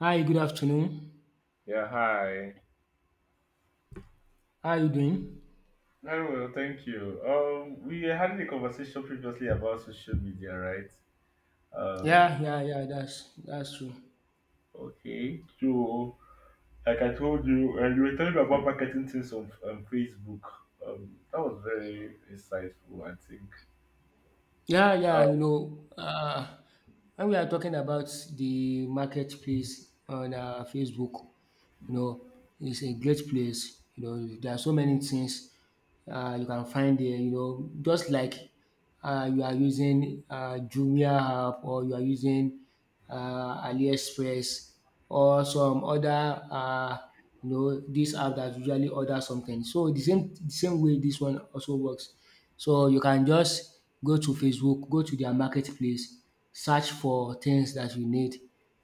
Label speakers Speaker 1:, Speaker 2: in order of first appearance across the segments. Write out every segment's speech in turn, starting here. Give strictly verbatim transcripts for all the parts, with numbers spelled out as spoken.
Speaker 1: Hi, good afternoon.
Speaker 2: Yeah, hi.
Speaker 1: How are you doing?
Speaker 2: Very well, thank you. Um, we had a conversation previously about social media, right?
Speaker 1: Yeah,
Speaker 2: Um,
Speaker 1: yeah, yeah, that's that's true.
Speaker 2: okay. So, like I told you, and you were telling me about marketing things on um, Facebook. Um, that was very insightful, I think.
Speaker 1: Yeah, yeah, you
Speaker 2: Um,
Speaker 1: know, uh, when we are talking about the marketplace on uh, Facebook, You know, it's a great place. You know, there are so many things uh, you can find there. You know, just like uh, you are using uh, Jumia app, or you are using uh, AliExpress, or some other uh, you know this app that usually order something. So the same the same way this one also works. So you can just go to Facebook, go to their marketplace, search for things that you need.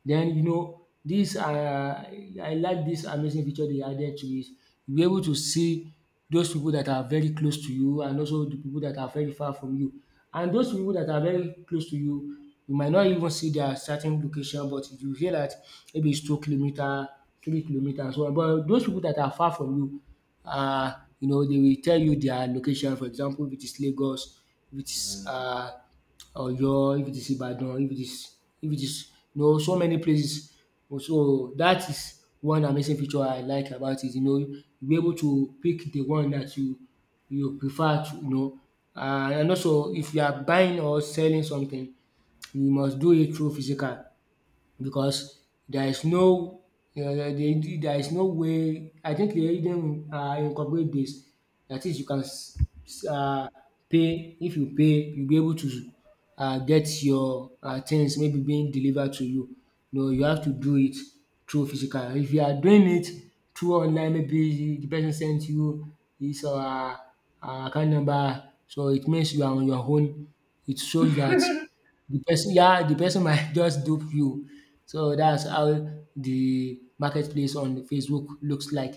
Speaker 1: Then, you know, dis are, I like this amazing feature dey added to it. You'll be able to see those people that are very close to you and also the people that are very far from you. And those people that are very close to you, you might not even see their starting location, but you hear that maybe it's two kilometer, three kilometer, and so on. But those people that are far from you, um you know they will tell you their location. For example, if it is Lagos, if it is
Speaker 2: mm,
Speaker 1: um Oyo, if it is Ibadan, if it is if it is you know so many places. So that is one amazing feature I like about it. You know, you be able to pick the one that you you prefer to, you know Uh, and also if you are buying or selling something, you must do it through physical, because there is no um there is no way, I think, they even uh incorporate this. That is, you can s- s- uh pay. If you pay, you be able to uh get your uh things maybe being delivered to you. No, you have to do it through physical. If you are doing it through online, maybe the person sent you his uh uh, account number, so it means you are on your own. It shows that. The person yeah, the person might just dupe you. So that's how the marketplace on Facebook looks like.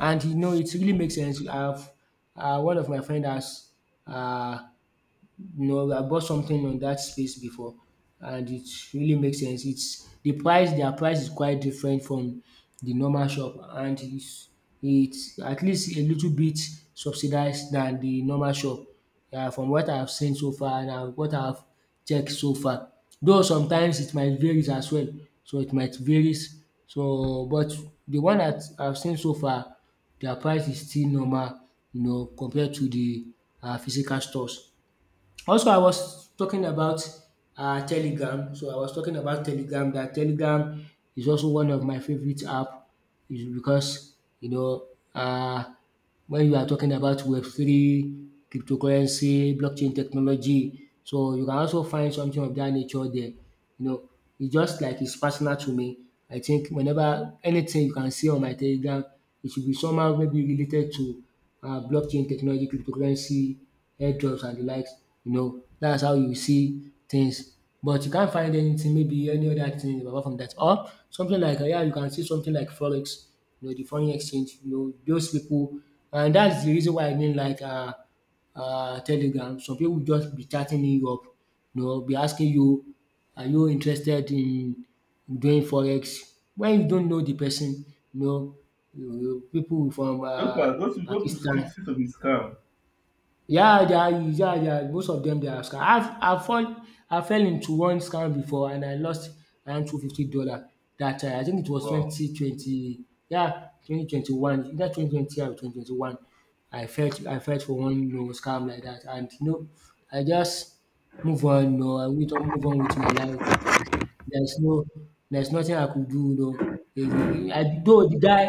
Speaker 1: And you know, it really makes sense. I've uh, one of my friend has, uh, no, I bought something on that space before, and it really makes sense. It's the price, their price is quite different from the normal shop, and it's, it's at least a little bit subsidized than the normal shop. Yeah, from what I've seen so far and uh, what I've checked so far. Though sometimes it might varies as well. So it might varies. So but the one that I've seen so far, their price is still normal, you know, compared to the uh, physical stores. Also, I was talking about uh, Telegram. So I was talking about Telegram. That Telegram is also one of my favorite app, is because you know uh, when you are talking about Web three, cryptocurrency, blockchain technology, so you can also find something of that nature there. You know, it's just like it's personal to me. I think whenever anything you can see on my Telegram, it should be somehow maybe related to uh, blockchain technology, cryptocurrency, airdrops, and the likes. You know, that's how you see things. But you can't find anything, maybe any other thing apart from that. Or something like, uh, yeah, you can see something like Forex, you know, the foreign exchange, you know, those people. And that's the reason why I mean, like, uh, uh, Telegram. Some people will just be chatting in Europe, you know, be asking you, are you interested in doing forex? When you don't know the person, you know, you pipu from
Speaker 2: those
Speaker 1: um
Speaker 2: were- those those people seem
Speaker 1: Pakistan.
Speaker 2: seem to be scam.
Speaker 1: Yeah, they are. Yeah, they are, most of them, they are scam. I have I fall I fell into one scam before, and I lost around two fifty dollar That time. I think it was
Speaker 2: Wow.
Speaker 1: twenty twenty yeah twenty twenty one either twenty twenty or twenty twenty one. I felt I felt for one no scam like that and you know I just move on. No, I will move on with my life. There's no there's nothing I could do, you know. Eh, the- I though the guy,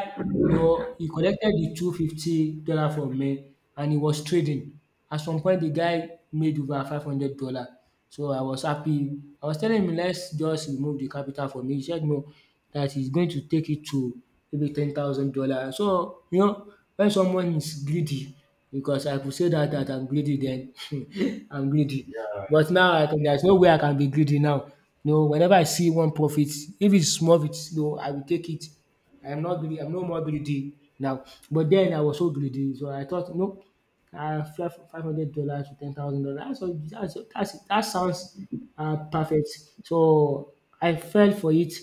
Speaker 1: you know, he collected the two hundred fifty dollars from me, and he was trading. At some point, the guy made over five hundred dollars. So I was happy. I was telling him, let's just remove the capital from me. He said no, that he's going to take it to maybe ten thousand dollars. So, you know, when someone is greedy, because I could say that that
Speaker 2: Mhm.
Speaker 1: I'm greedy then, I'm greedy.
Speaker 2: Yeah.
Speaker 1: But now I can, there's no way I can be greedy now. You know, whenever I see one profit, if it's small bit, you know, I will take it. I'm not greedy. I'm no more greedy now. But then I was so greedy, so I thought, no, uh, five hundred dollars to ten thousand dollars. That's, that's, that's that sounds uh, perfect. So I fell for it.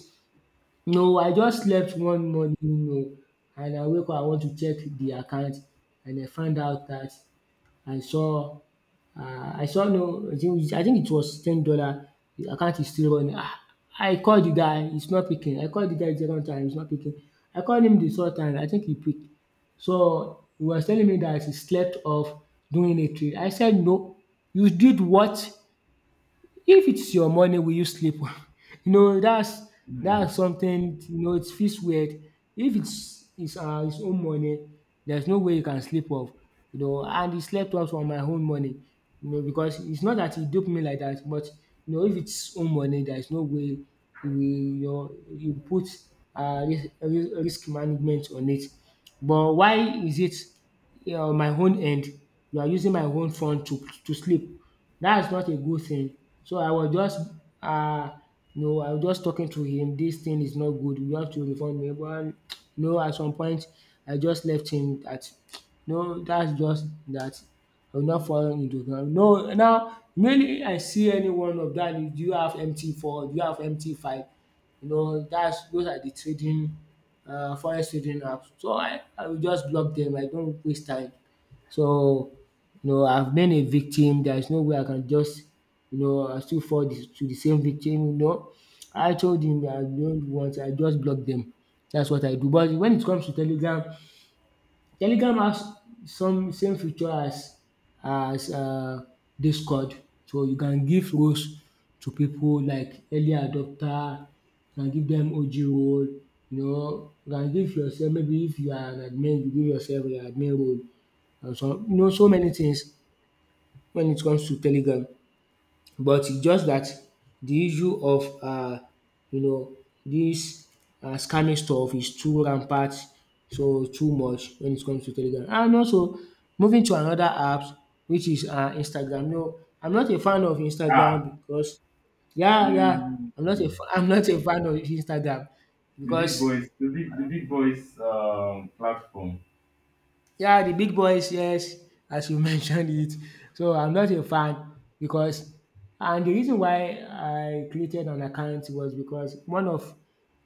Speaker 1: No, I just slept one morning, you know, and I wake up, I want to check the account, and I find out that I saw um I saw no, I think I think it was ten dollar. The account is still running. um I called the guy, he's not picking. I called the guy several times, he's not picking. I called him the third time, I think he picked. So he was telling me that he slept off doing a trade. I said, "No, you did what, if it's your money, will you sleep?" You know, that's
Speaker 2: Mm.
Speaker 1: that's something, you know, it feels weird. If it's it's uh, his own money, there's no way you can sleep off, you know. And he slept off on my own money, you know, because it's not that he duped me like that, but you know, if it's own money, there's no way he will, you know, you put uh, ris- ris- risk management on it. But why is it you know, my own end? You are using my own fund to to sleep. That's not a good thing. So I was just um no, I was just talking to him, "This thing is not good, you have to refund me", but no. At some point, I just left him that, no, that's just that. I will not fall into ground. No, now mainly I see anyone of that, "Do you have M T four? Do you have M T five?" You know that's those are the trading, uh, forex trading apps. So I I will just block them. I don't waste time. So, you know, I've been a victim. There is no way I can just, you know, I still fall the- to the same victim. You know, I told him that I don't want. I just block them. That's what I do. But when it comes to Telegram, Telegram has some same feature as as uh, Discord. So you can give roles to people like early adopter. You can give them O G role. You know, you can give yourself maybe if you are an admin, you give yourself an admin role and some you know so many things when it comes to Telegram. But it's just that the issue of uh you know this um scamming stuff is too rampant, so too much when it comes to Telegram. And also moving to another app, which is uh Instagram. No, I'm not a fan of
Speaker 2: Ah.
Speaker 1: Instagram because, yeah, yeah, I'm not a
Speaker 2: Mm.
Speaker 1: fa- I'm not a fan of Instagram
Speaker 2: The big
Speaker 1: because...
Speaker 2: boys. The big the big boys. Um, platform.
Speaker 1: Yeah, the big boys, yes, as you mentioned it. So I'm not a fan, because, and the reason why I created an account was because one of,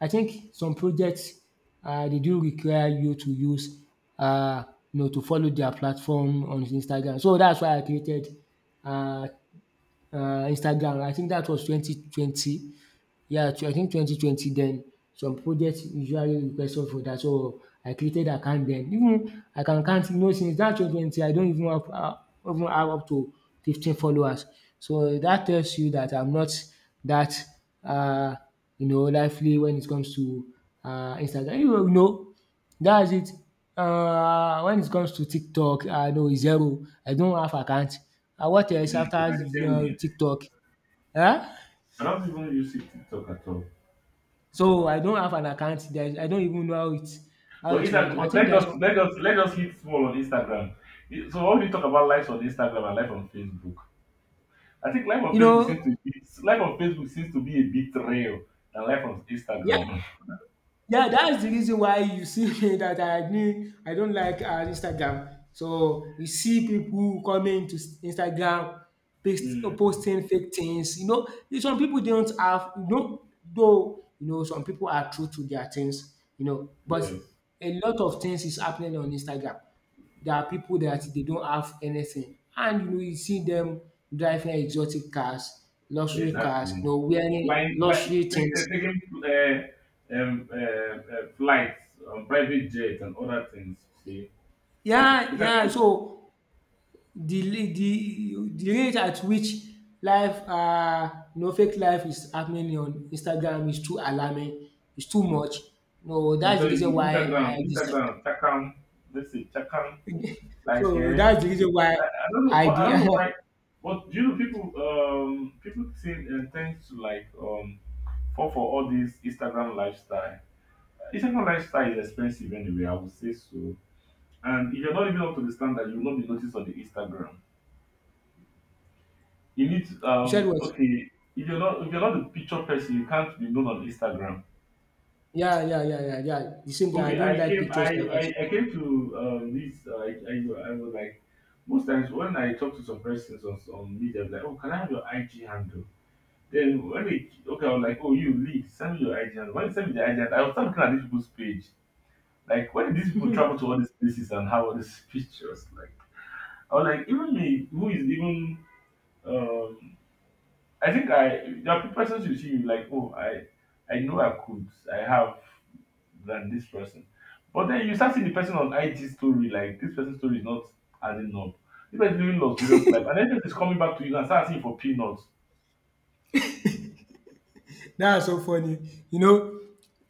Speaker 1: I think some projects, uh, they do require you to use, uh, you know, to follow their platform on Instagram. So that's why I created uh, uh, Instagram. I think that was twenty twenty. Yeah, tw- I think twenty twenty then some projects usually request us for that. So I created account then. Even I can count, you know, since that twenty twenty, I don't even have uh, even have up to fifteen followers. So that tells you that I'm not that uh you know lively when it comes to uh Instagram. You know, that's it. Uh when it comes to TikTok, I know zero. I don't have account. Uh, what
Speaker 2: Mm.
Speaker 1: else after
Speaker 2: I
Speaker 1: uh,
Speaker 2: think,
Speaker 1: TikTok? Huh?
Speaker 2: I don't even use it TikTok at all.
Speaker 1: So I don't have an account. There is I don't even know how it how
Speaker 2: But
Speaker 1: it works.
Speaker 2: Instagram,
Speaker 1: I
Speaker 2: but
Speaker 1: think
Speaker 2: let's
Speaker 1: that's
Speaker 2: just
Speaker 1: one,
Speaker 2: let's let's hit small on Instagram. I- So when we talk about lives on Instagram and life on Facebook, I think life on
Speaker 1: you
Speaker 2: Facebook seems to
Speaker 1: know
Speaker 2: be life on Facebook seems to be a bit real than life on
Speaker 1: yeah.
Speaker 2: Instagram.
Speaker 1: Yeah, that's the reason why you see me that I agree. I don't like uh, Instagram. So you see people coming to s- Instagram, paste,
Speaker 2: Mm,
Speaker 1: posting fake things. You know, some people don't have. You know, though you know some people are true to their things. You know, but
Speaker 2: yes,
Speaker 1: a lot of things is happening on Instagram. There are people that they don't have anything, and you know you see them driving exotic cars, luxury cars, you
Speaker 2: exactly.
Speaker 1: know, wearing
Speaker 2: Flying, like
Speaker 1: luxury
Speaker 2: take, uh,
Speaker 1: things.
Speaker 2: taking uh, um, uh, uh, flights on private jets and other things. See,
Speaker 1: Yeah, yeah.
Speaker 2: Instagram,
Speaker 1: So The li- the the rate at which life uh you know fake life is happening on Instagram is too alarming, is too much. No,
Speaker 2: I'm
Speaker 1: that's the
Speaker 2: telling
Speaker 1: reason
Speaker 2: you,
Speaker 1: why
Speaker 2: Instagram,
Speaker 1: I decide.
Speaker 2: Instagram, Chakam, let's see, Chakam, like,
Speaker 1: So
Speaker 2: eh,
Speaker 1: that's the reason why
Speaker 2: I, I don't know,
Speaker 1: I
Speaker 2: but I
Speaker 1: de-
Speaker 2: don't know why, but you know people, um, people tend, uh, tend to like, um, fall for all this Instagram lifestyle. Instagram lifestyle is expensive anyway, I would say so. And if you're not living up to the standard, you will not be noticed on the Instagram. You need to,
Speaker 1: you said
Speaker 2: um,
Speaker 1: what?
Speaker 2: okay, if you're not, if you're not the picture person, you can't be known on Instagram.
Speaker 1: Yeah, yeah, yeah, yeah, yeah. The same thing. I
Speaker 2: Okay,
Speaker 1: don't
Speaker 2: I
Speaker 1: like
Speaker 2: came. I
Speaker 1: pictures like that.
Speaker 2: I, I came to um, this. Uh, I, I I was like, most times when I talk to some persons on, on media, I'm like, oh, can I have your I G handle? Then when they okay, I was like, oh, you leak, send me your I G handle. When they send me the I G handle, I was start looking at these people's page. Like, when did these people travel to all these places and have all these pictures? Like, I was like, even me, who is even um I think I there are pe- persons you see you like oh I I know I could I have than this person, but then you start seeing the person on I G story like this person's story is not adding up. This person is living luxurious life, and then is coming back to you and start asking for peanuts.
Speaker 1: That's so funny. You know,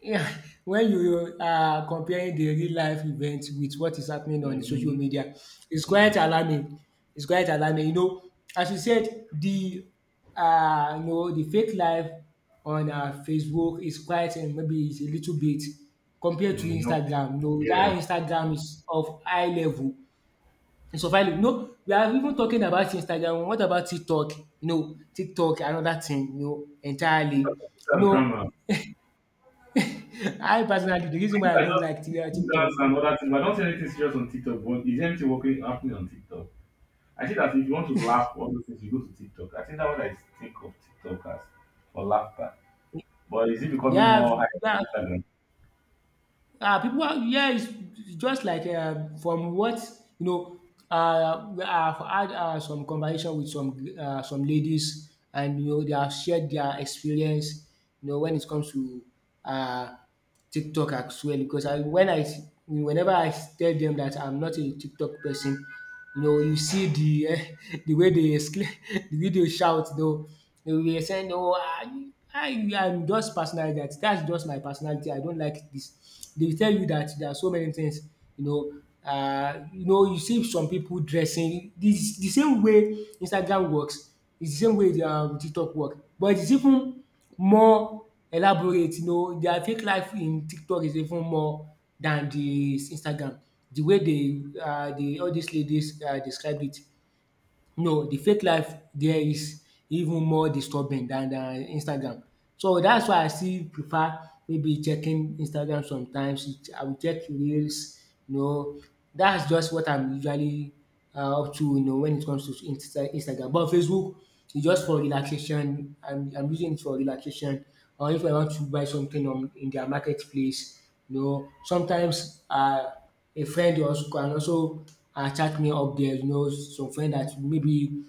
Speaker 1: Yeah, when you are comparing the real life event with what is happening on social
Speaker 2: Mm-hmm.
Speaker 1: media, it's quite
Speaker 2: Mm,
Speaker 1: alarming. It's quite alarming. You know, as you said, the uh, you know, the fake life on uh, Facebook is quite and maybe it's a little bit compared to
Speaker 2: mm, no,
Speaker 1: Instagram. You know,
Speaker 2: yeah,
Speaker 1: that Instagram is of high level. It's of high level. You know, we are even talking about Instagram. What about TikTok? You know, TikTok another thing. You know, entirely. You
Speaker 2: that's
Speaker 1: know,
Speaker 2: drama. I
Speaker 1: I personally, the reason
Speaker 2: think
Speaker 1: why I
Speaker 2: I
Speaker 1: don't
Speaker 2: just
Speaker 1: like Ti- uh, TikTok,
Speaker 2: dance and other things. But I don't see anything serious on TikTok, but is anything working happening on TikTok? I think that if you want to laugh, all those things you go to TikTok. I think that's what I think of TikTok as for laughter. But is it becoming
Speaker 1: yeah,
Speaker 2: more high
Speaker 1: yeah,
Speaker 2: on Instagram?
Speaker 1: uh, people are, yeah, it's it's just like uh, from what you know, uh, I've had uh, some conversation with some uh, some ladies, and you know, they have shared their experience, you know, when it comes to uh TikTok as well because I when I s- whenever I tell them that I'm not a TikTok person, you know, you see the um the way they exclaim the video they shout though. They will be saying, “Oh, I I am just personality that that's just my personality, I don't like this.” They will tell you that there are so many things, you know, uh you know you see some people dressing the the same way Instagram works is the same way the um TikTok work, but it's even more elaborate. You know, their fake life in TikTok is even more than the Instagram, the way they um all dis ladies um describe it. No, the fake life there is even more disturbing than than Instagram. So that's why I still prefer maybe checking Instagram sometimes. It- I will check reels, you know. That's just what I'm usually um up to, you know, when it comes to Insta Instagram. But Facebook is just for relaxation. I'm I'm using it for relaxation, or if I want to buy something on in their marketplace. You know, sometimes um a friend also can also um chat me up there, you know, some friend that maybe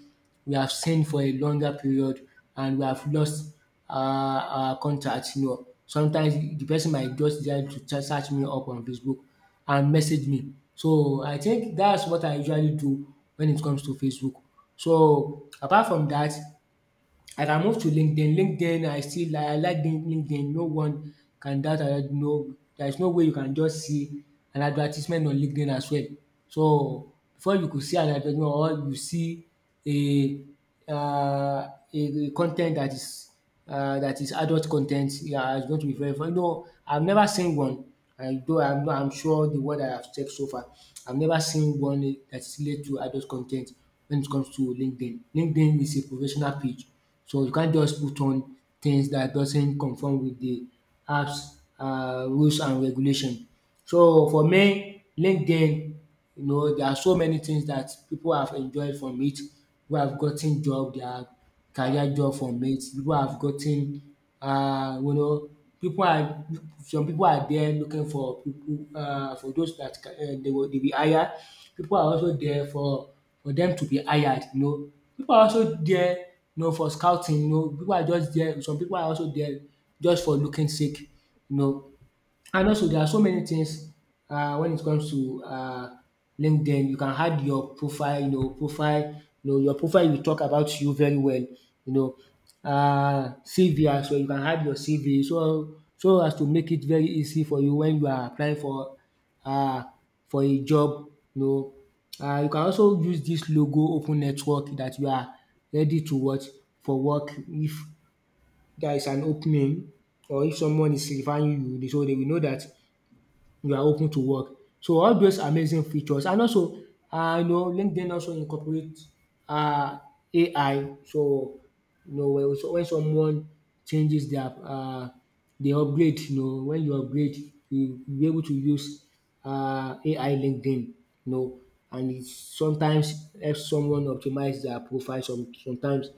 Speaker 1: we have seen for a longer period and we have lost um our contact, you know. Sometimes the person might just decide to chat search me up on Facebook and message me. So I think that's what I usually do when it comes to Facebook. So apart from that, I can move to LinkedIn. LinkedIn, I still I like Lin- LinkedIn. No one can doubt that. No, there is no way you can just see an advertisement on LinkedIn as well. So before you could see an advertisement or you see a um a con ten t that is uh, that is adult content. Yeah, it's going to be very fun. No, I've never seen one. I though I'm not, I'm sure the word I have checked so far, I've never seen one that is related to adult content when it comes to LinkedIn. LinkedIn is a professional page, so you can't just put on things that doesn't conform with the apps uh, rules and regulation. So for me, LinkedIn, you know, there are so many things that people have enjoyed from it. People have gotten job, their career job from it. People have gotten, uh, you know, people are some people are there looking for people uh, for those that ca- uh, they will they be hired. People are also there for for them to be hired. You know, people are also there, you know, for scouting. You know, people are just there. Some people are also there just for looking sake. You know, and also there are so many things um when it comes to um LinkedIn. You can add your profile, you know, profile, you know, your profile will talk about you very well, you know. um C V as well, you can add your C V so so as to make it very easy for you when you are applying for um for a job, you know. um You can also use this logo open network that you are ready to what for work if there is an opening or if someone is referring you, so dey will know that you are open to work. So all those amazing features, and also um you know LinkedIn also incorporate um A I, so you know when so when someone changes their um dey upgrade, you know, when you upgrade you you be able to use um A I LinkedIn, you know. And it sometimes helps someone optimize their profile. Some sometimes,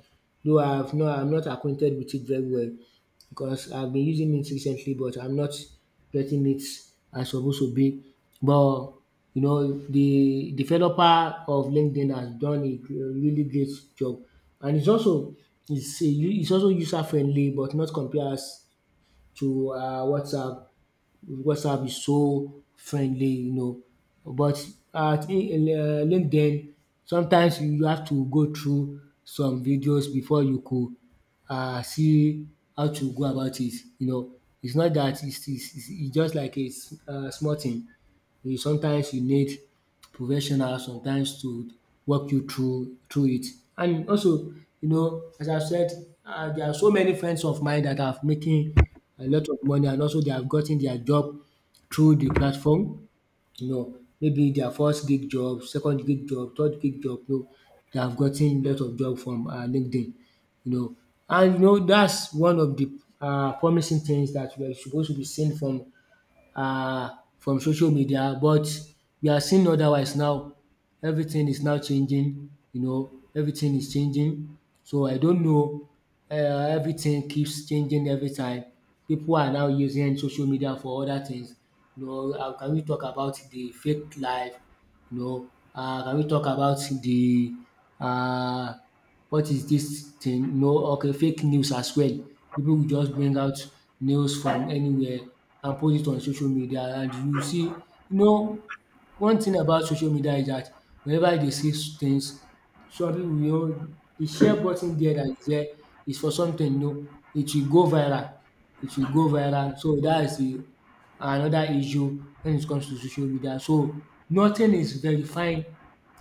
Speaker 1: though, I have not, I'm not acquainted with it very well because I've been using it recently, but I'm not getting it as supposed to be. But you know, the developer of LinkedIn has done a gr- really great job, and it's also it's a, u- it's also user friendly, but not compared to uh, WhatsApp. WhatsApp is so friendly, you know. But at in- uh, LinkedIn, sometimes you have to go through some videos before you could um see how to go about it, you know. It's not that it's it's it's it's just like a um small thing. You sometimes you need professional sometimes to walk you through through it. And also, you know, as I said, um there are so many friends of mine that have making a lot of money, and also they have gotten their job through the platform. You know, maybe their first gig job, second gig job, third gig job, you know, they have gotten a lot of job from um LinkedIn, you know. And you know that's one of the um promising things that we are supposed to be seen from uh, from social media, but we are seeing otherwise now. Everything is now changing, you know, everything is changing. So I don't know, um everything keeps changing every time. People are now using social media for other things. You know, um can we talk about the fake life, you know, um can we talk about the um what is dis thing, you know, okay fake news as well. Pipu will just bring out news from anywhere and post it on social media, and you see, you know, one thing about social media is dat whenever dey see things, some pipu, you know, the share button there dat is there is for something, you know, it will go viral, it will go viral. So dat is the another issue when it comes to social media. So nothing is verifying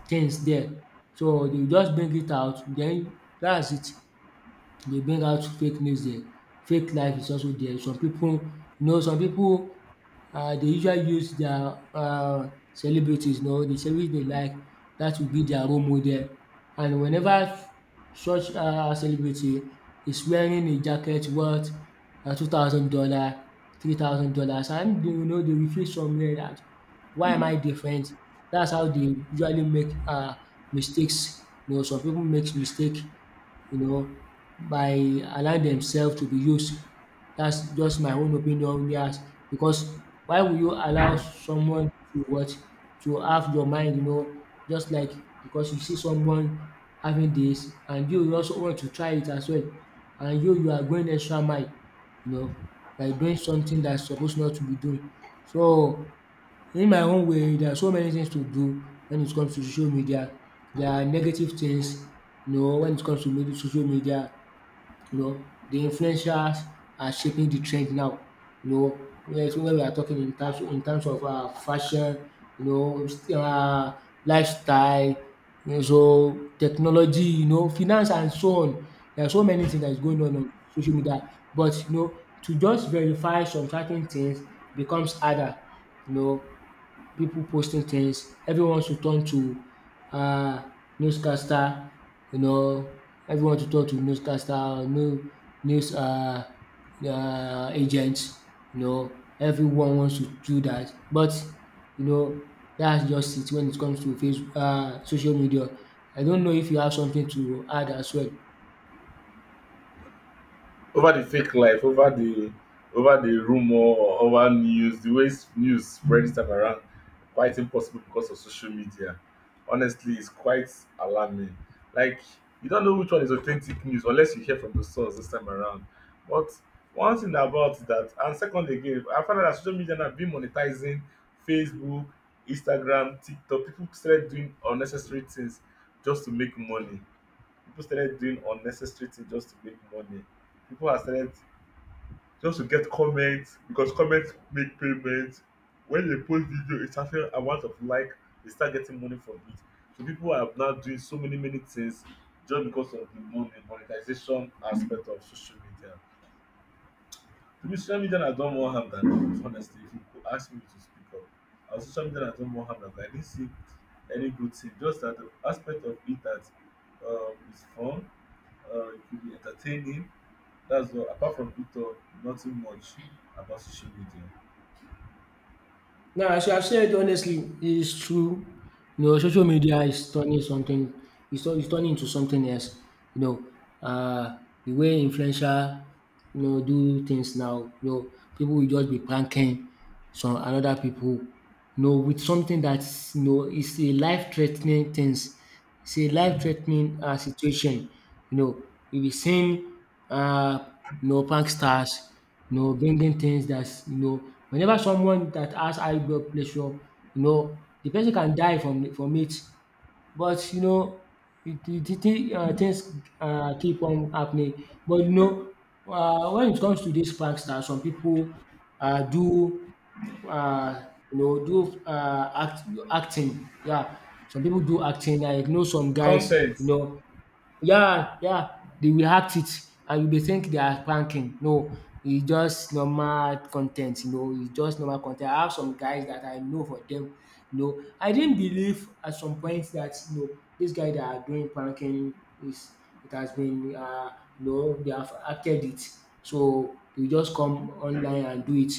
Speaker 1: things there. So they will just bring it out, then that's it. Dey bring out fake news there, fake life is also there. Some pipu, you know, some pipu um dey usually use their um celebrities, you know, the celebrity dey like dat will be their role model. And whenever such um celebrity is wearing a jacket worth um two thousand dollar, three thousand dollars, and you know dey will feel somewhere dat why am I different? Dats how dey usually make um mistakes. You know some pipu makes mistake, you know, by allowing themselves to be used. That's just my own opinion. Yes, because why will you allow someone to what to have your mind? You know, just like because you see someone having this, and you also want to try it as well, and you you are going extra mile, you know, by doing something that's supposed not to be doing. So in my own way, there are so many things to do when it comes to social media. There are negative things, you know, when it comes to media, social media, you know, the influencers are shaping the trend now. You know, when so when we are talking in terms in terms of uh, fashion, you know, uh, lifestyle, you know, so technology, you know, finance and so on. There are so many things that is going on on social media. But you know, to just verify some certain things becomes harder. You know, people posting things. Everyone should turn to uh, newscaster, you know, everyone should turn to newscaster or new news uh, um agent, you know. Everyone wants to do that. But you know, that's just it when it comes to face uh, social media. I don't know if you have something to add as well.
Speaker 2: Over the fake life, over the over the rumor, or over news, the way s- news spreads time around, quite impossible because of social media. Honestly, it's quite alarming. Like you don't know which one is authentic news unless you hear from the source this time around. But one thing about that, and second again, I found out that social media now been monetizing Facebook, Instagram, TikTok. People started doing unnecessary things just to make money people started doing unnecessary things just to make money. People have started just to get comments because comments make payments. When they post video, it's certain amount of like they start getting money from it. So people are now doing so many many things just because of the money monetization aspect of social media. To me, social media has done more harm than good. Honestly, if you could ask me to speak up, our social media has done more harm than good. I didn't see any good thing. Just that the aspect of it that um, is fun, uh, it could be entertaining. That's all. Apart from Victor, nothing much about social media.
Speaker 1: Now, as you have said, honestly, it's true. You know, social media is turning something, it's, turn- it's turning into something else. You know, uh, the way influencer, you know, do things now, you know, people will just be pranking some another people, you know, with something that's, you know, it's a life-threatening things. It's a life-threatening uh, situation. You know, you'll be seeing, uh, you know, punk stars, you know, bringing things that's, you know, whenever someone that has high blood pressure, you know, the person can die from from it. But you know, it it it um things uh keep on happening. But you know, uh, when it comes to dis prankster, some people uh do uh you know do uh act acting. Yeah, some people do acting like you know some guys you
Speaker 2: Content
Speaker 1: know yeah, yeah, they will act it and you dey think they are pranking. No, it's just normal content. You know, it's just normal content. I have some guys that I know for them, you know, I didn't believe at some point that, you know, dis guy that are doing pranking is it has been uh you know, they have acted it. So they will just come online and do it.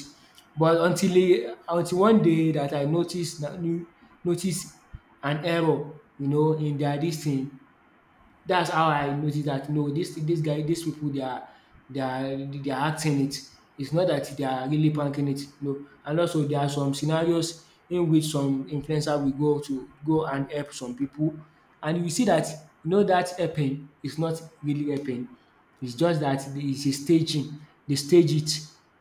Speaker 1: But until e until one day that I noticed notice notice an error, you know, in their this thing. That's how I noticed that no, this this guy, these people, they are they are they are acting it. It's not that they are really pranking it. No, and also there are some scenarios in which some influencer will go to go and help some people, and you see that you know that helping is not really helping. It's just that the- it's a staging. They stage it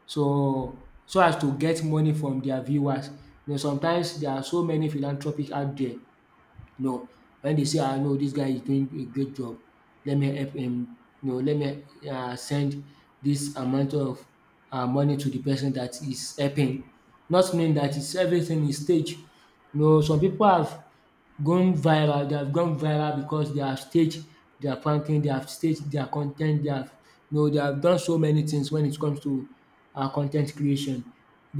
Speaker 1: so so as to get money from their viewers. You know, sometimes there are so many philanthropists out there. No, wen dey say, “Ah, no, dis guy is doing a great job, let me help him.” No, let me um send dis amount of um money to de person dat is helping. Not knowing dat is everything is staged. You know, some pipu have gone viral. They have gone viral because they have staged their pranking, they have staged their content. They have you know they have done so many things when it comes to um con creation.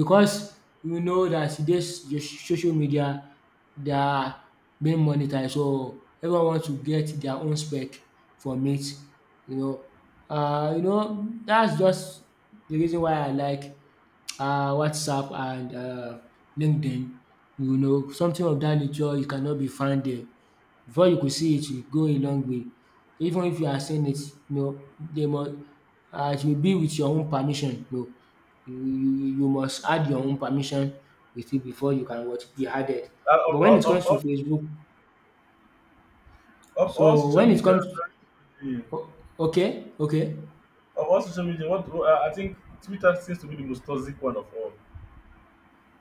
Speaker 1: Because we know that this this social media, they are being monetized, so everyone wants to get their own spec from it, you know. uh, you know, that's just the reason why I like um WhatsApp and um LinkedIn, you know, something of that nature. You cannot be found there. Before you could see it, you go a long way. Even if you are saying it, you know they must um it will be with your own permission. No, You you you must add your own permission with it before you can what? Be added.
Speaker 2: uh,
Speaker 1: But
Speaker 2: of,
Speaker 1: when it
Speaker 2: all, of
Speaker 1: comes to
Speaker 2: all,
Speaker 1: Facebook,
Speaker 2: of all
Speaker 1: so
Speaker 2: social
Speaker 1: when it
Speaker 2: media.
Speaker 1: comes,
Speaker 2: Sorry, yeah.
Speaker 1: o- okay, okay.
Speaker 2: Of all social media, what uh, I think Twitter seems to be the most toxic one of all.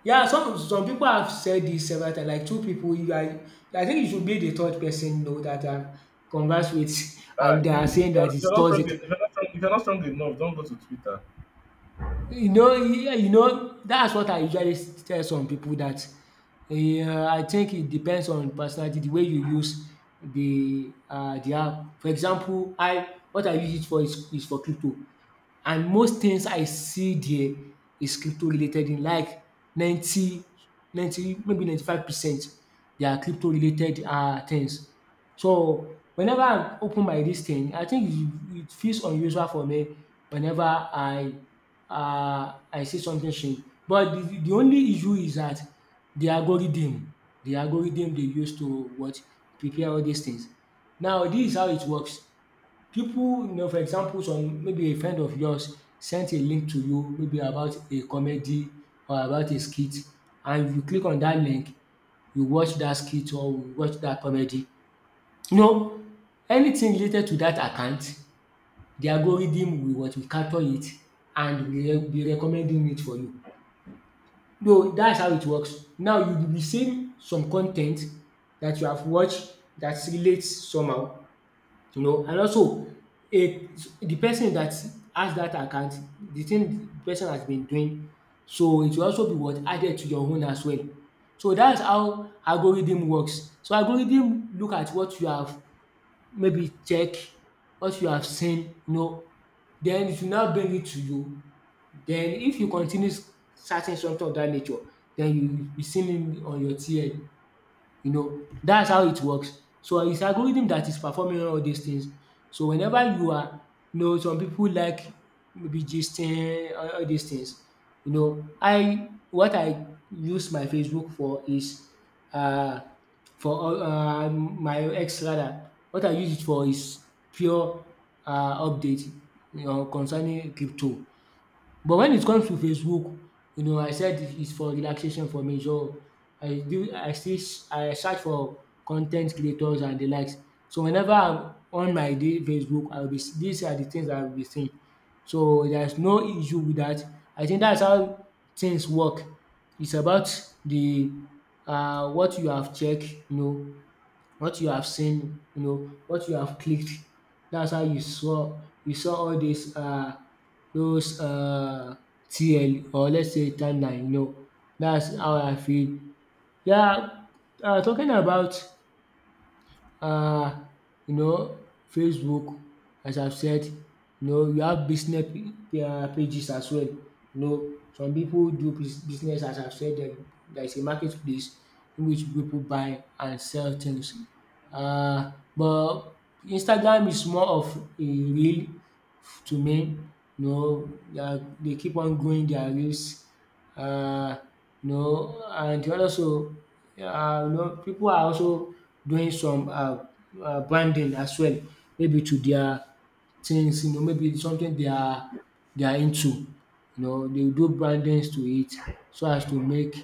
Speaker 1: Yeah, some some people have said this several times, like two people you are, I think you should be the third person you know that I've conversed with,
Speaker 2: Uh,
Speaker 1: and they
Speaker 2: if, you,
Speaker 1: are
Speaker 2: if,
Speaker 1: saying
Speaker 2: you are,
Speaker 1: that
Speaker 2: if you're
Speaker 1: it's
Speaker 2: not strong,
Speaker 1: toxic.
Speaker 2: if you're not strong, if you're not strong enough, don't go to Twitter.
Speaker 1: You know, yeah, you know, that's what I usually s- tell some pipu dat um I think it depends on personality de way you use de um de app. For example, I, what I use it for is is for crypto, and most things I see there is crypto related in like ninety ninety maybe ninety five percent, they are crypto related um things. So, whenever I open my this thing, I think it it feels unusual for me whenever I uh, I see something strange, but the the only issue is that the algorithm, the algorithm they use to what prepare all these things. Now this is how it works. People, you know, for example, some maybe a friend of yours sent a link to you, maybe about a comedy or about a skit, and you click on that link, you watch that skit or you watch that comedy. You know, anything related to that account, the algorithm will what? Will capture it and will be recommending it for you. So that's how it works. Now you will be seeing some con ten t that you have watched, that relates somehow, you know, and also a the person that has that account, the thing the person has been doing, so it will also be what? Added to your own as well. So that's how algorithm works. So algorithm look at what you have, maybe check what you have seen, you know, then it will now bring it to you. Then if you continue s- searching something of that nature, then you will be seeing it on your T L. You know, that's how it works. So it's algorithm that is performing all these things. So whenever you are, you know, some people like maybe gisting, all all these things. You know, I, what I use my Facebook for is uh for all- uh, um, my ex rather. What I use it for is pure uh, update, you know, concerning crypto. But when it comes to Facebook, you know, I said it's for relaxation for me. So I do I still s- I search for content creators and the likes. So whenever I'm on my day Facebook, I will be s- these are the things I will be seeing. So there's no issue with that. I think that's how things work. It's about the uh what you have checked, you know, what you have seen, you know, what you have clicked. That's how you saw you saw all these uh those uh T L or let's say timeline, you know. That's how I feel. Yeah, uh talking about um you know Facebook, as I've said, you know you have business um pages as well. You know, some people do bus- business, as I've said dem there is a marketplace in which people buy and sell things. um but Instagram is more of a reel to men, you know, they are they keep on growing their leaves, um you know, and also um you know pipu are also doing some um branding as well, maybe to their things, you know, maybe something they are they are into, you know they will do brandings to it so as to make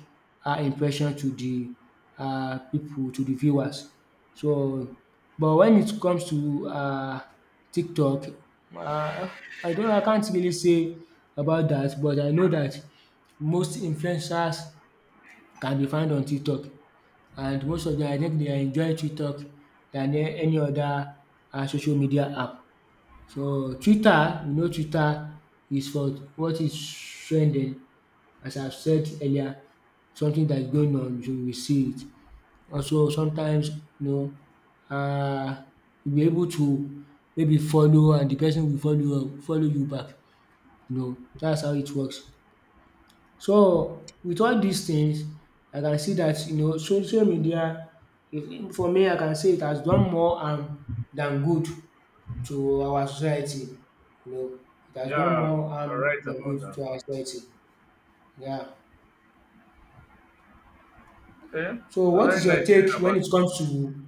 Speaker 1: um impression to the um pipu, to the viewers. So, but when it comes to um TikTok, um I don't I can't really say about that, but I know that most influencers can be found on TikTok, and most of them I think they enjoy TikTok than a- any other um social media app. So, Twitter, you know Twitter is for what is trending, as I said earlier, something that's going on you will see it. Also sometimes, you know, um you be able to maybe follow and the person will follow uh, follow you back, you know, that's how it works. So with all these things, I can see that you know social media is, for me, I can say it has done more harm than good to our society, you know, it has done
Speaker 2: Yeah,
Speaker 1: more
Speaker 2: you're
Speaker 1: harm
Speaker 2: right
Speaker 1: than good
Speaker 2: about
Speaker 1: to our society. Yeah.
Speaker 2: that. Okay,
Speaker 1: So
Speaker 2: so
Speaker 1: what
Speaker 2: very
Speaker 1: is your
Speaker 2: nice hearing
Speaker 1: take when
Speaker 2: about
Speaker 1: it comes to,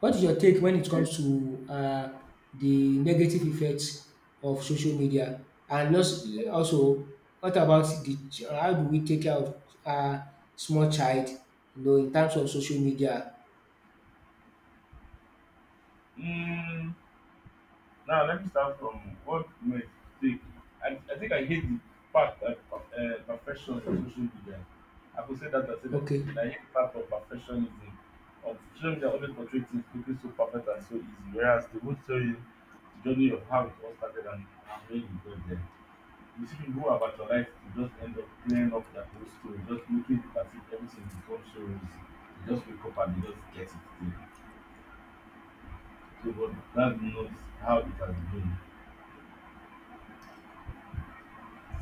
Speaker 1: what is your take when it
Speaker 2: it.
Speaker 1: comes to uh, the negative effects of social media? And als- also, what about the ch- how do we take care of uh, small child, you know, in terms of social media?
Speaker 2: Mm, Now let me start from what might take. I, I think I hate the fact that uh, perfection is on social media. I could say that I said that
Speaker 1: Okay.
Speaker 2: again. I hate the fact of perfectionism. On social media, only portray things looking so perfect and so easy, whereas they won't tell you the journey of how it all started and and where you got there. You see people who have actualized to just end up clearing up their whole story, just making it as if everything becomes so easy. They just wake up and they just get it there. So, but that's not how it has been.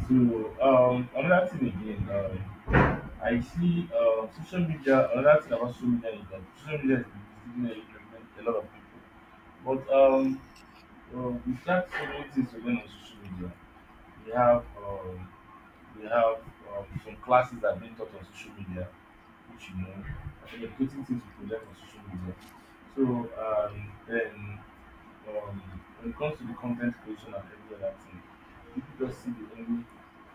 Speaker 2: So um, another thing again, um, I see uh, social media. Another thing about social media is that social media is misleading a a- a lot of people. But um, uh, we got so many things to learn on social media. We have um, we have um, some classes that are being taught on social media, which you know, and educating things we could learn on social media. So um, then um, when it comes to the content creation and every other thing, people just see the only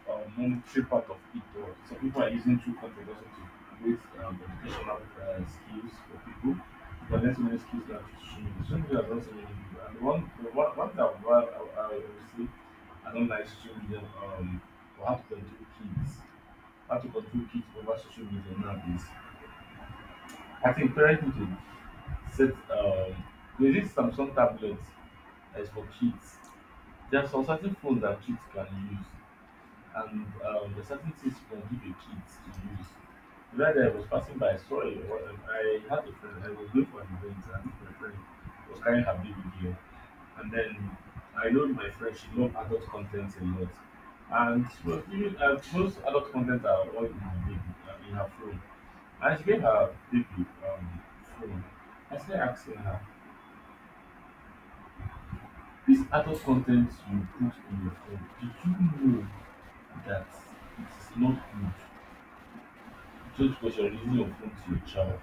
Speaker 2: um, monetary part of it. Or some people are using true content also to create um, educational uh, skills for people. But there's so many skills that social media. Social media has also many people. And one, the one, one thing I, I, I, I will say, I don't like social media um, or how to control kids, how to control kids over social media nowadays. I think parents parenting set um there is Samsung tablets that is for kids. There are some certain phones that kids can use and um there are certain things you can give a kids to use. The other day I was passing by, I saw a um, I had a friend, I was going for an event and my friend was carrying her baby girl and then I know my friend she loved adult content a lot, and she was giving uh, most adult content are all in her baby uh, in her phone, I explained her baby um phone. I started asking her, this adult content you put in your phone, did you know that it is not good? Just because you're releasing your phone to your child.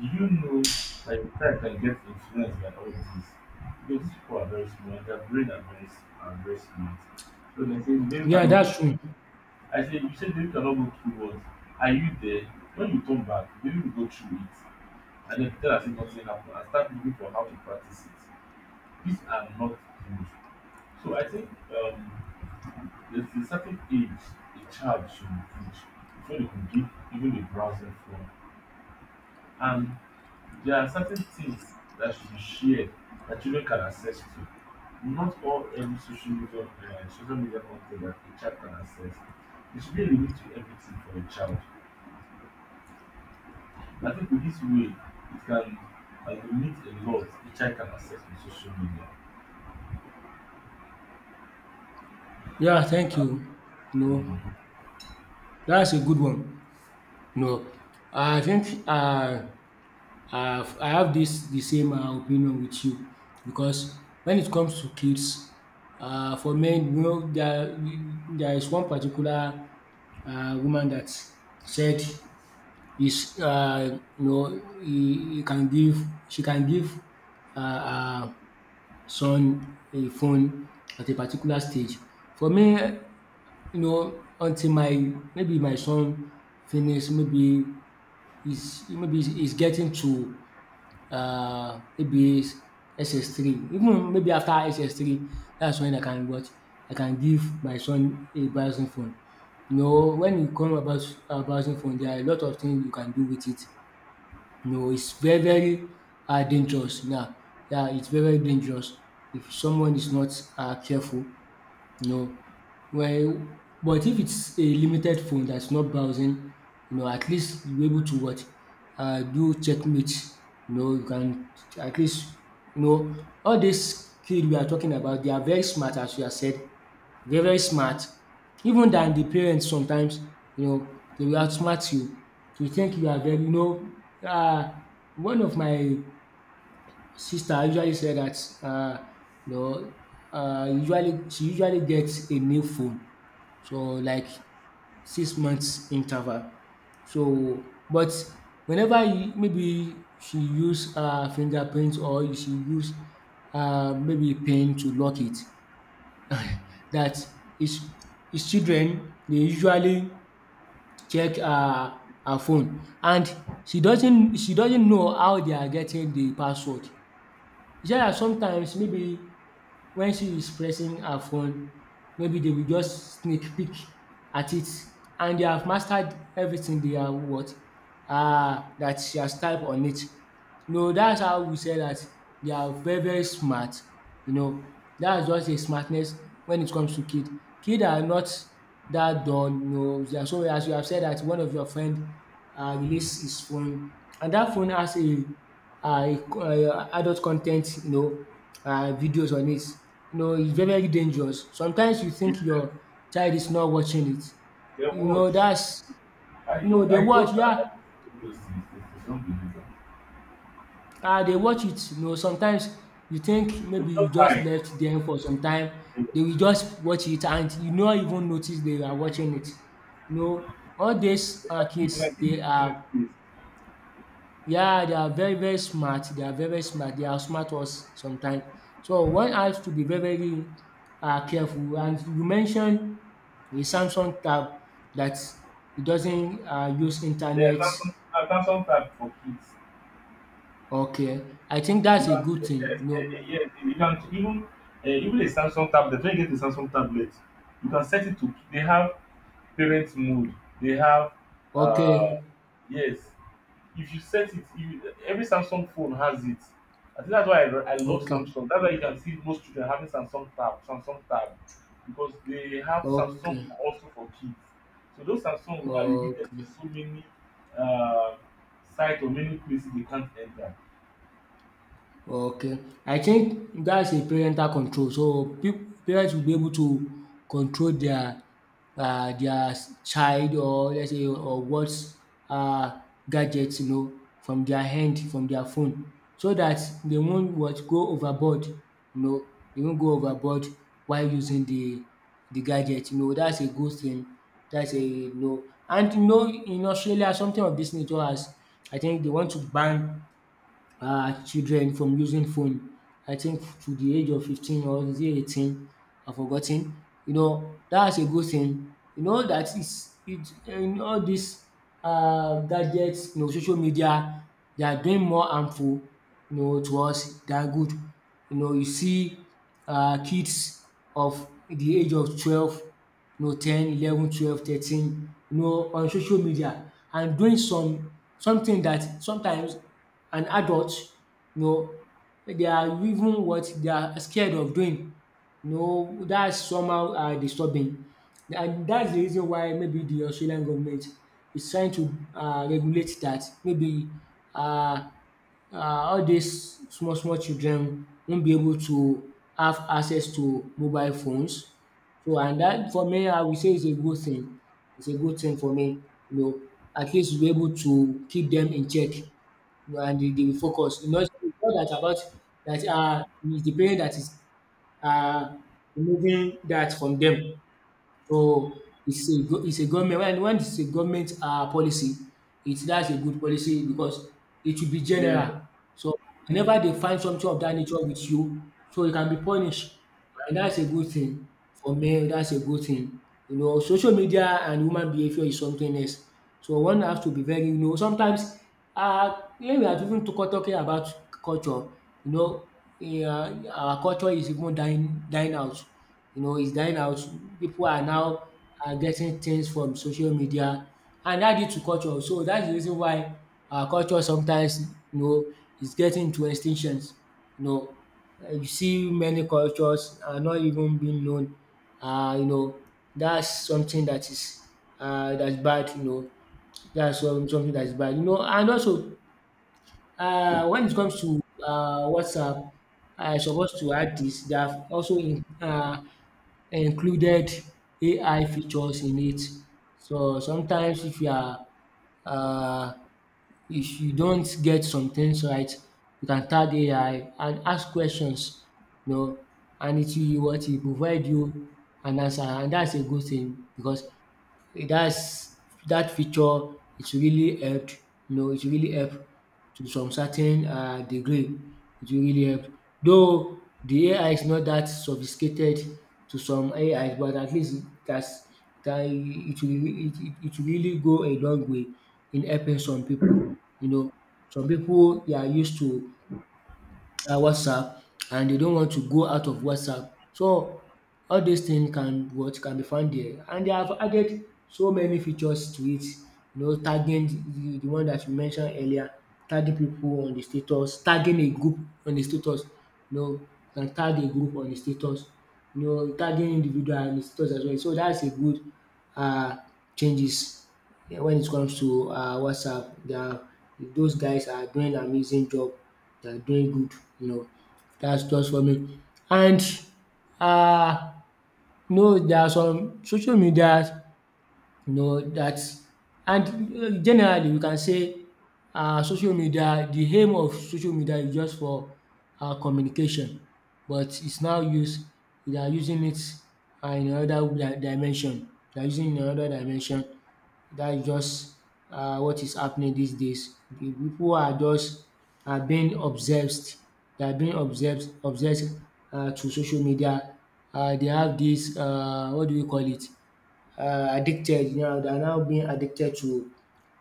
Speaker 2: Do you know that your child can get influenced by all this? Because these people are very smart, their brain are very s- are very smart. So they say baby
Speaker 1: Yeah,
Speaker 2: cannot go
Speaker 1: that's true.
Speaker 2: I say you said baby cannot go through what? Are you there? When you come back, baby will go through it. And then tell us if nothing happened and start looking for how to practice it. These are not good. So I think um, there's a certain age a child should reach before they could give even a browser phone. And there are certain things that should be shared that children can access to. Not all every social media, uh, social media content that a child can access. There should be a limit to everything for a child. And I think with this way, it can uh, limit a lot a child can access on social media.
Speaker 1: Yeah, thank you. No,
Speaker 2: Hmm.
Speaker 1: that's a good one. No, I think uh, I've I have this the same um opinion with you, because when it comes to kids, uh, for men you know there there is one particular uh woman that said is uh you know he he can give, she can give uh her son a phone at a particular stage. For me, you know, until my maybe my son finish maybe he's maybe he's he's getting to uh, maybe s- SS3, even maybe after S S three, that's when I can watch. I can give my son a browsing phone. You know, when you come about a browsing phone, there are a lot of things you can do with it. You know, it's very, very uh, dangerous now. Yeah, it's very, very dangerous if someone is not uh, careful, you know, well, but if it's a limited phone that's not browsing, you know, at least you're able to what? Uh, do checkmate. You know, you can at least, you know, all these kids we are talking about, they are very smart, as you have said, very, very smart. Even than the parents sometimes, you know, they will outsmart you. You think you are very, you know, uh, one of my sister usually said that uh, you know uh, usually she usually gets a new phone so like six months interval, so but whenever you, maybe she use uh, fingerprint or she use uh, maybe pen to lock it, that his his children dey usually check her her phone, and she doesn't she doesn't know how they are getting the password. She said that sometimes maybe when she is pressing her phone, maybe they will just sneak peek at it and they have mastered everything they are what um that she has typed on it. No, that's how we say that they are very very smart, you know. That's just a smartness when it comes to kid. Kid are not that dull, you know. They are so as you have said that one of your friend um release his phone and that phone has a um adult con ten t you know um videos on it. You know e very very dangerous. Sometimes you think
Speaker 2: Mm.
Speaker 1: your child is not watching it.
Speaker 2: Yeah,
Speaker 1: You
Speaker 2: watch.
Speaker 1: know that's
Speaker 2: I
Speaker 1: you know
Speaker 2: told
Speaker 1: they
Speaker 2: I told
Speaker 1: watch
Speaker 2: her
Speaker 1: yeah
Speaker 2: that this is it's unbelievable.
Speaker 1: I dey watch it, you know, sometimes you think
Speaker 2: It's
Speaker 1: maybe you
Speaker 2: just
Speaker 1: just
Speaker 2: high.
Speaker 1: left them for some time,
Speaker 2: It's
Speaker 1: they will just watch it and you no even notice they are watching it. You know, all these uh,
Speaker 2: like people like
Speaker 1: kids, they
Speaker 2: this
Speaker 1: are,
Speaker 2: place.
Speaker 1: yeah, they are very, very smart. They are very, very smart. They are smart us sometimes. So one has to be very, very uh, careful. And you mentioned the Samsung tab that it doesn't uh, use
Speaker 2: There's
Speaker 1: internet.
Speaker 2: some there's some type for kids.
Speaker 1: Okay, I think
Speaker 2: You
Speaker 1: that's a
Speaker 2: can
Speaker 1: good thing.
Speaker 2: yes,
Speaker 1: You
Speaker 2: eh, eh,
Speaker 1: know,
Speaker 2: yes, you can even uh, even a Samsung tablet. When you get a Samsung tablet, you can set it to. They have parent mode. They have uh
Speaker 1: okay.
Speaker 2: yes. If you set it, if you, every Samsung phone has it. I think that's why I, I love
Speaker 1: Okay.
Speaker 2: Samsung. That's why you can see most children having Samsung Tab, Samsung Tab, because they have Samsung
Speaker 1: Okay.
Speaker 2: also for kids. So those Samsung will now limit them
Speaker 1: Okay.
Speaker 2: to so many uh, sites or many places they can't enter.
Speaker 1: Okay. I think that's a parental control. So, pip parents will be able to control their uh, their child or let's say or what uh gadgets you know from their hand from their phone so that they won't what? Go overboard you know, they won't go overboard while using the the gadget you know that's a good thing. That's a you know and you know in Australia something of this nature has I think they want to ban um children from using phone. I think to the age of fifteen or is it eighteen? I've forgotten. You know, that's a good thing. You know that is it in all these um gadgets, you know, social media, they are doing more harmful, you know, to us than good. You know, you see um kids of the age of twelve, you know, ten, eleven, twelve, thirteen, you know, on social media and doing some something that sometimes and adult you know they are even what they are scared of doing. You know that's somehow um disturbing and that's the reason why maybe the Australian government is trying to um regulate that. Maybe um um all these small small children won't be able to have access to mobile phones. So and that for me I will say is a good thing. It's a good thing for me you know at least you'll be able to keep them in check you know, and they they will focus. Not not that about that uh, it's the parent that is uh, removing that from them. So it's a go- it's a government when when it's a government um policy it that's a good policy because it should be
Speaker 2: Yeah.
Speaker 1: general. So whenever they find something of that nature with you so you can be punished and that's a good thing. For me that's a good thing. You know social media and human behaviour is something else. So one has to be very you know sometimes um when we are even talk talking about culture you know yeah, our culture is even dying dying out. You know, he's dying out. People are now are getting things from social media and that due to culture. So that's the reason why our culture sometimes you know is getting to extinctions. You know, uh, you see many cultures are not even being known. Uh, you know, that's something that is uh, that's bad. You know, that's some, something that's bad. You know, and also uh, when it comes to uh, WhatsApp, I supposed to add this. They have also in, uh, included A I features in it. So sometimes if you are uh, if you don't get some things right, you can tag A I and ask questions, you know, and it will what? It will provide you an answer and that's a good thing because that's that feature it really helped you know it really help to some certain uh degree it really help. Though the A I is not that sophisticated to some A I but at least it that it will it it it will really go a long way in helping some people. You know. Some people they are used to um WhatsApp and they don't want to go out of WhatsApp. So all these things can what can be found there and they have added so many features to it you know tagging the the the one that you mentioned earlier tagging people on the status tagging a group on the status you know you can tag a group on the status you know tagging individual on the status as well so that's a good um changes. Yeah, when it comes to uh, WhatsApp, they are, those guys are doing an amazing job. They are doing good, you know. That's just for me. And uh, no, there are some social media, you know, that and uh, generally we can say uh, social media, the aim of social media is just for uh, communication, but it's now used, they are using it uh, in another di- dimension. They are using it in another dimension that is just um what is happening these days. The people are just are being obsessed. They are being obsessed obsessed um to social media. um They have this um what do we call it um addicted now. They are now being addicted to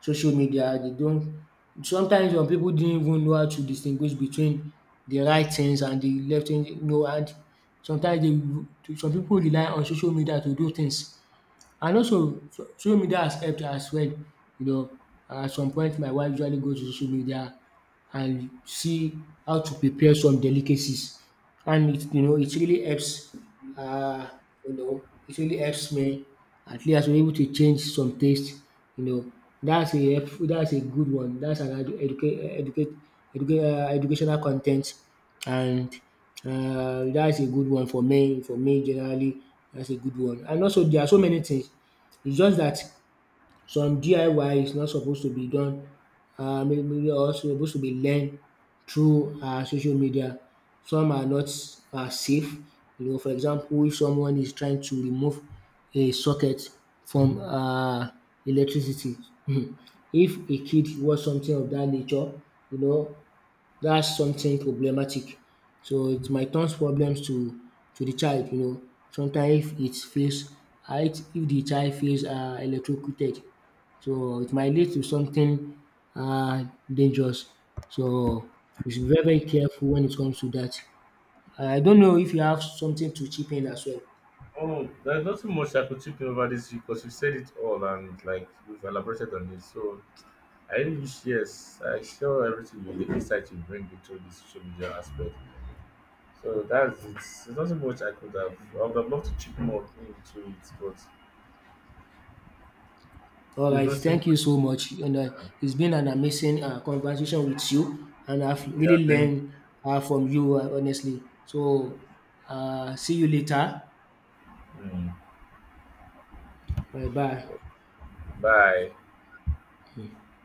Speaker 1: social media. They don't sometimes some people didn't even know how to distinguish between the right things and the left things you know and sometimes they some people rely on social media to do things and also so- social media has helped as well, you know, at some point my wife usually goes to social media and see how to prepare some delicacies and it you know it really helps um you know it really helps me at least we was able to change some taste you know that's a helpful that's a good one that's another educate educate educate um educational content and um that's a good one for me. For me generally that's a good one. And also there are so many things it's just that some D I Y is not supposed to be done um also supposed to be learned through um social media. Some are not um safe you know for example if someone is trying to remove a socket from um electricity if a kid was something of that nature you know that's something problematic. So it might turn problems to to the child you know. Sometimes if it feels ah if the child feels um electrocuted so it might lead to something um dangerous. So we should be very very careful when it comes to that. I don't know if you have something to chip in as well.
Speaker 2: Oh, there's nothing much I could chip in over this because you said it all and like we have elaborated on it. So I really wish yes, I share everything you the insight you bring into this social media aspect. So that's it. There's nothing much I could have. I would have loved to chip more into it, but
Speaker 1: All
Speaker 2: there's
Speaker 1: right,
Speaker 2: nothing much.
Speaker 1: thank you so much. And uh, it's been an amazing uh, conversation with you, and I've
Speaker 2: Yeah,
Speaker 1: really
Speaker 2: thank.
Speaker 1: learned uh, from you, uh, honestly. So, uh, see you later.
Speaker 2: Mm.
Speaker 1: Bye bye.
Speaker 2: Bye.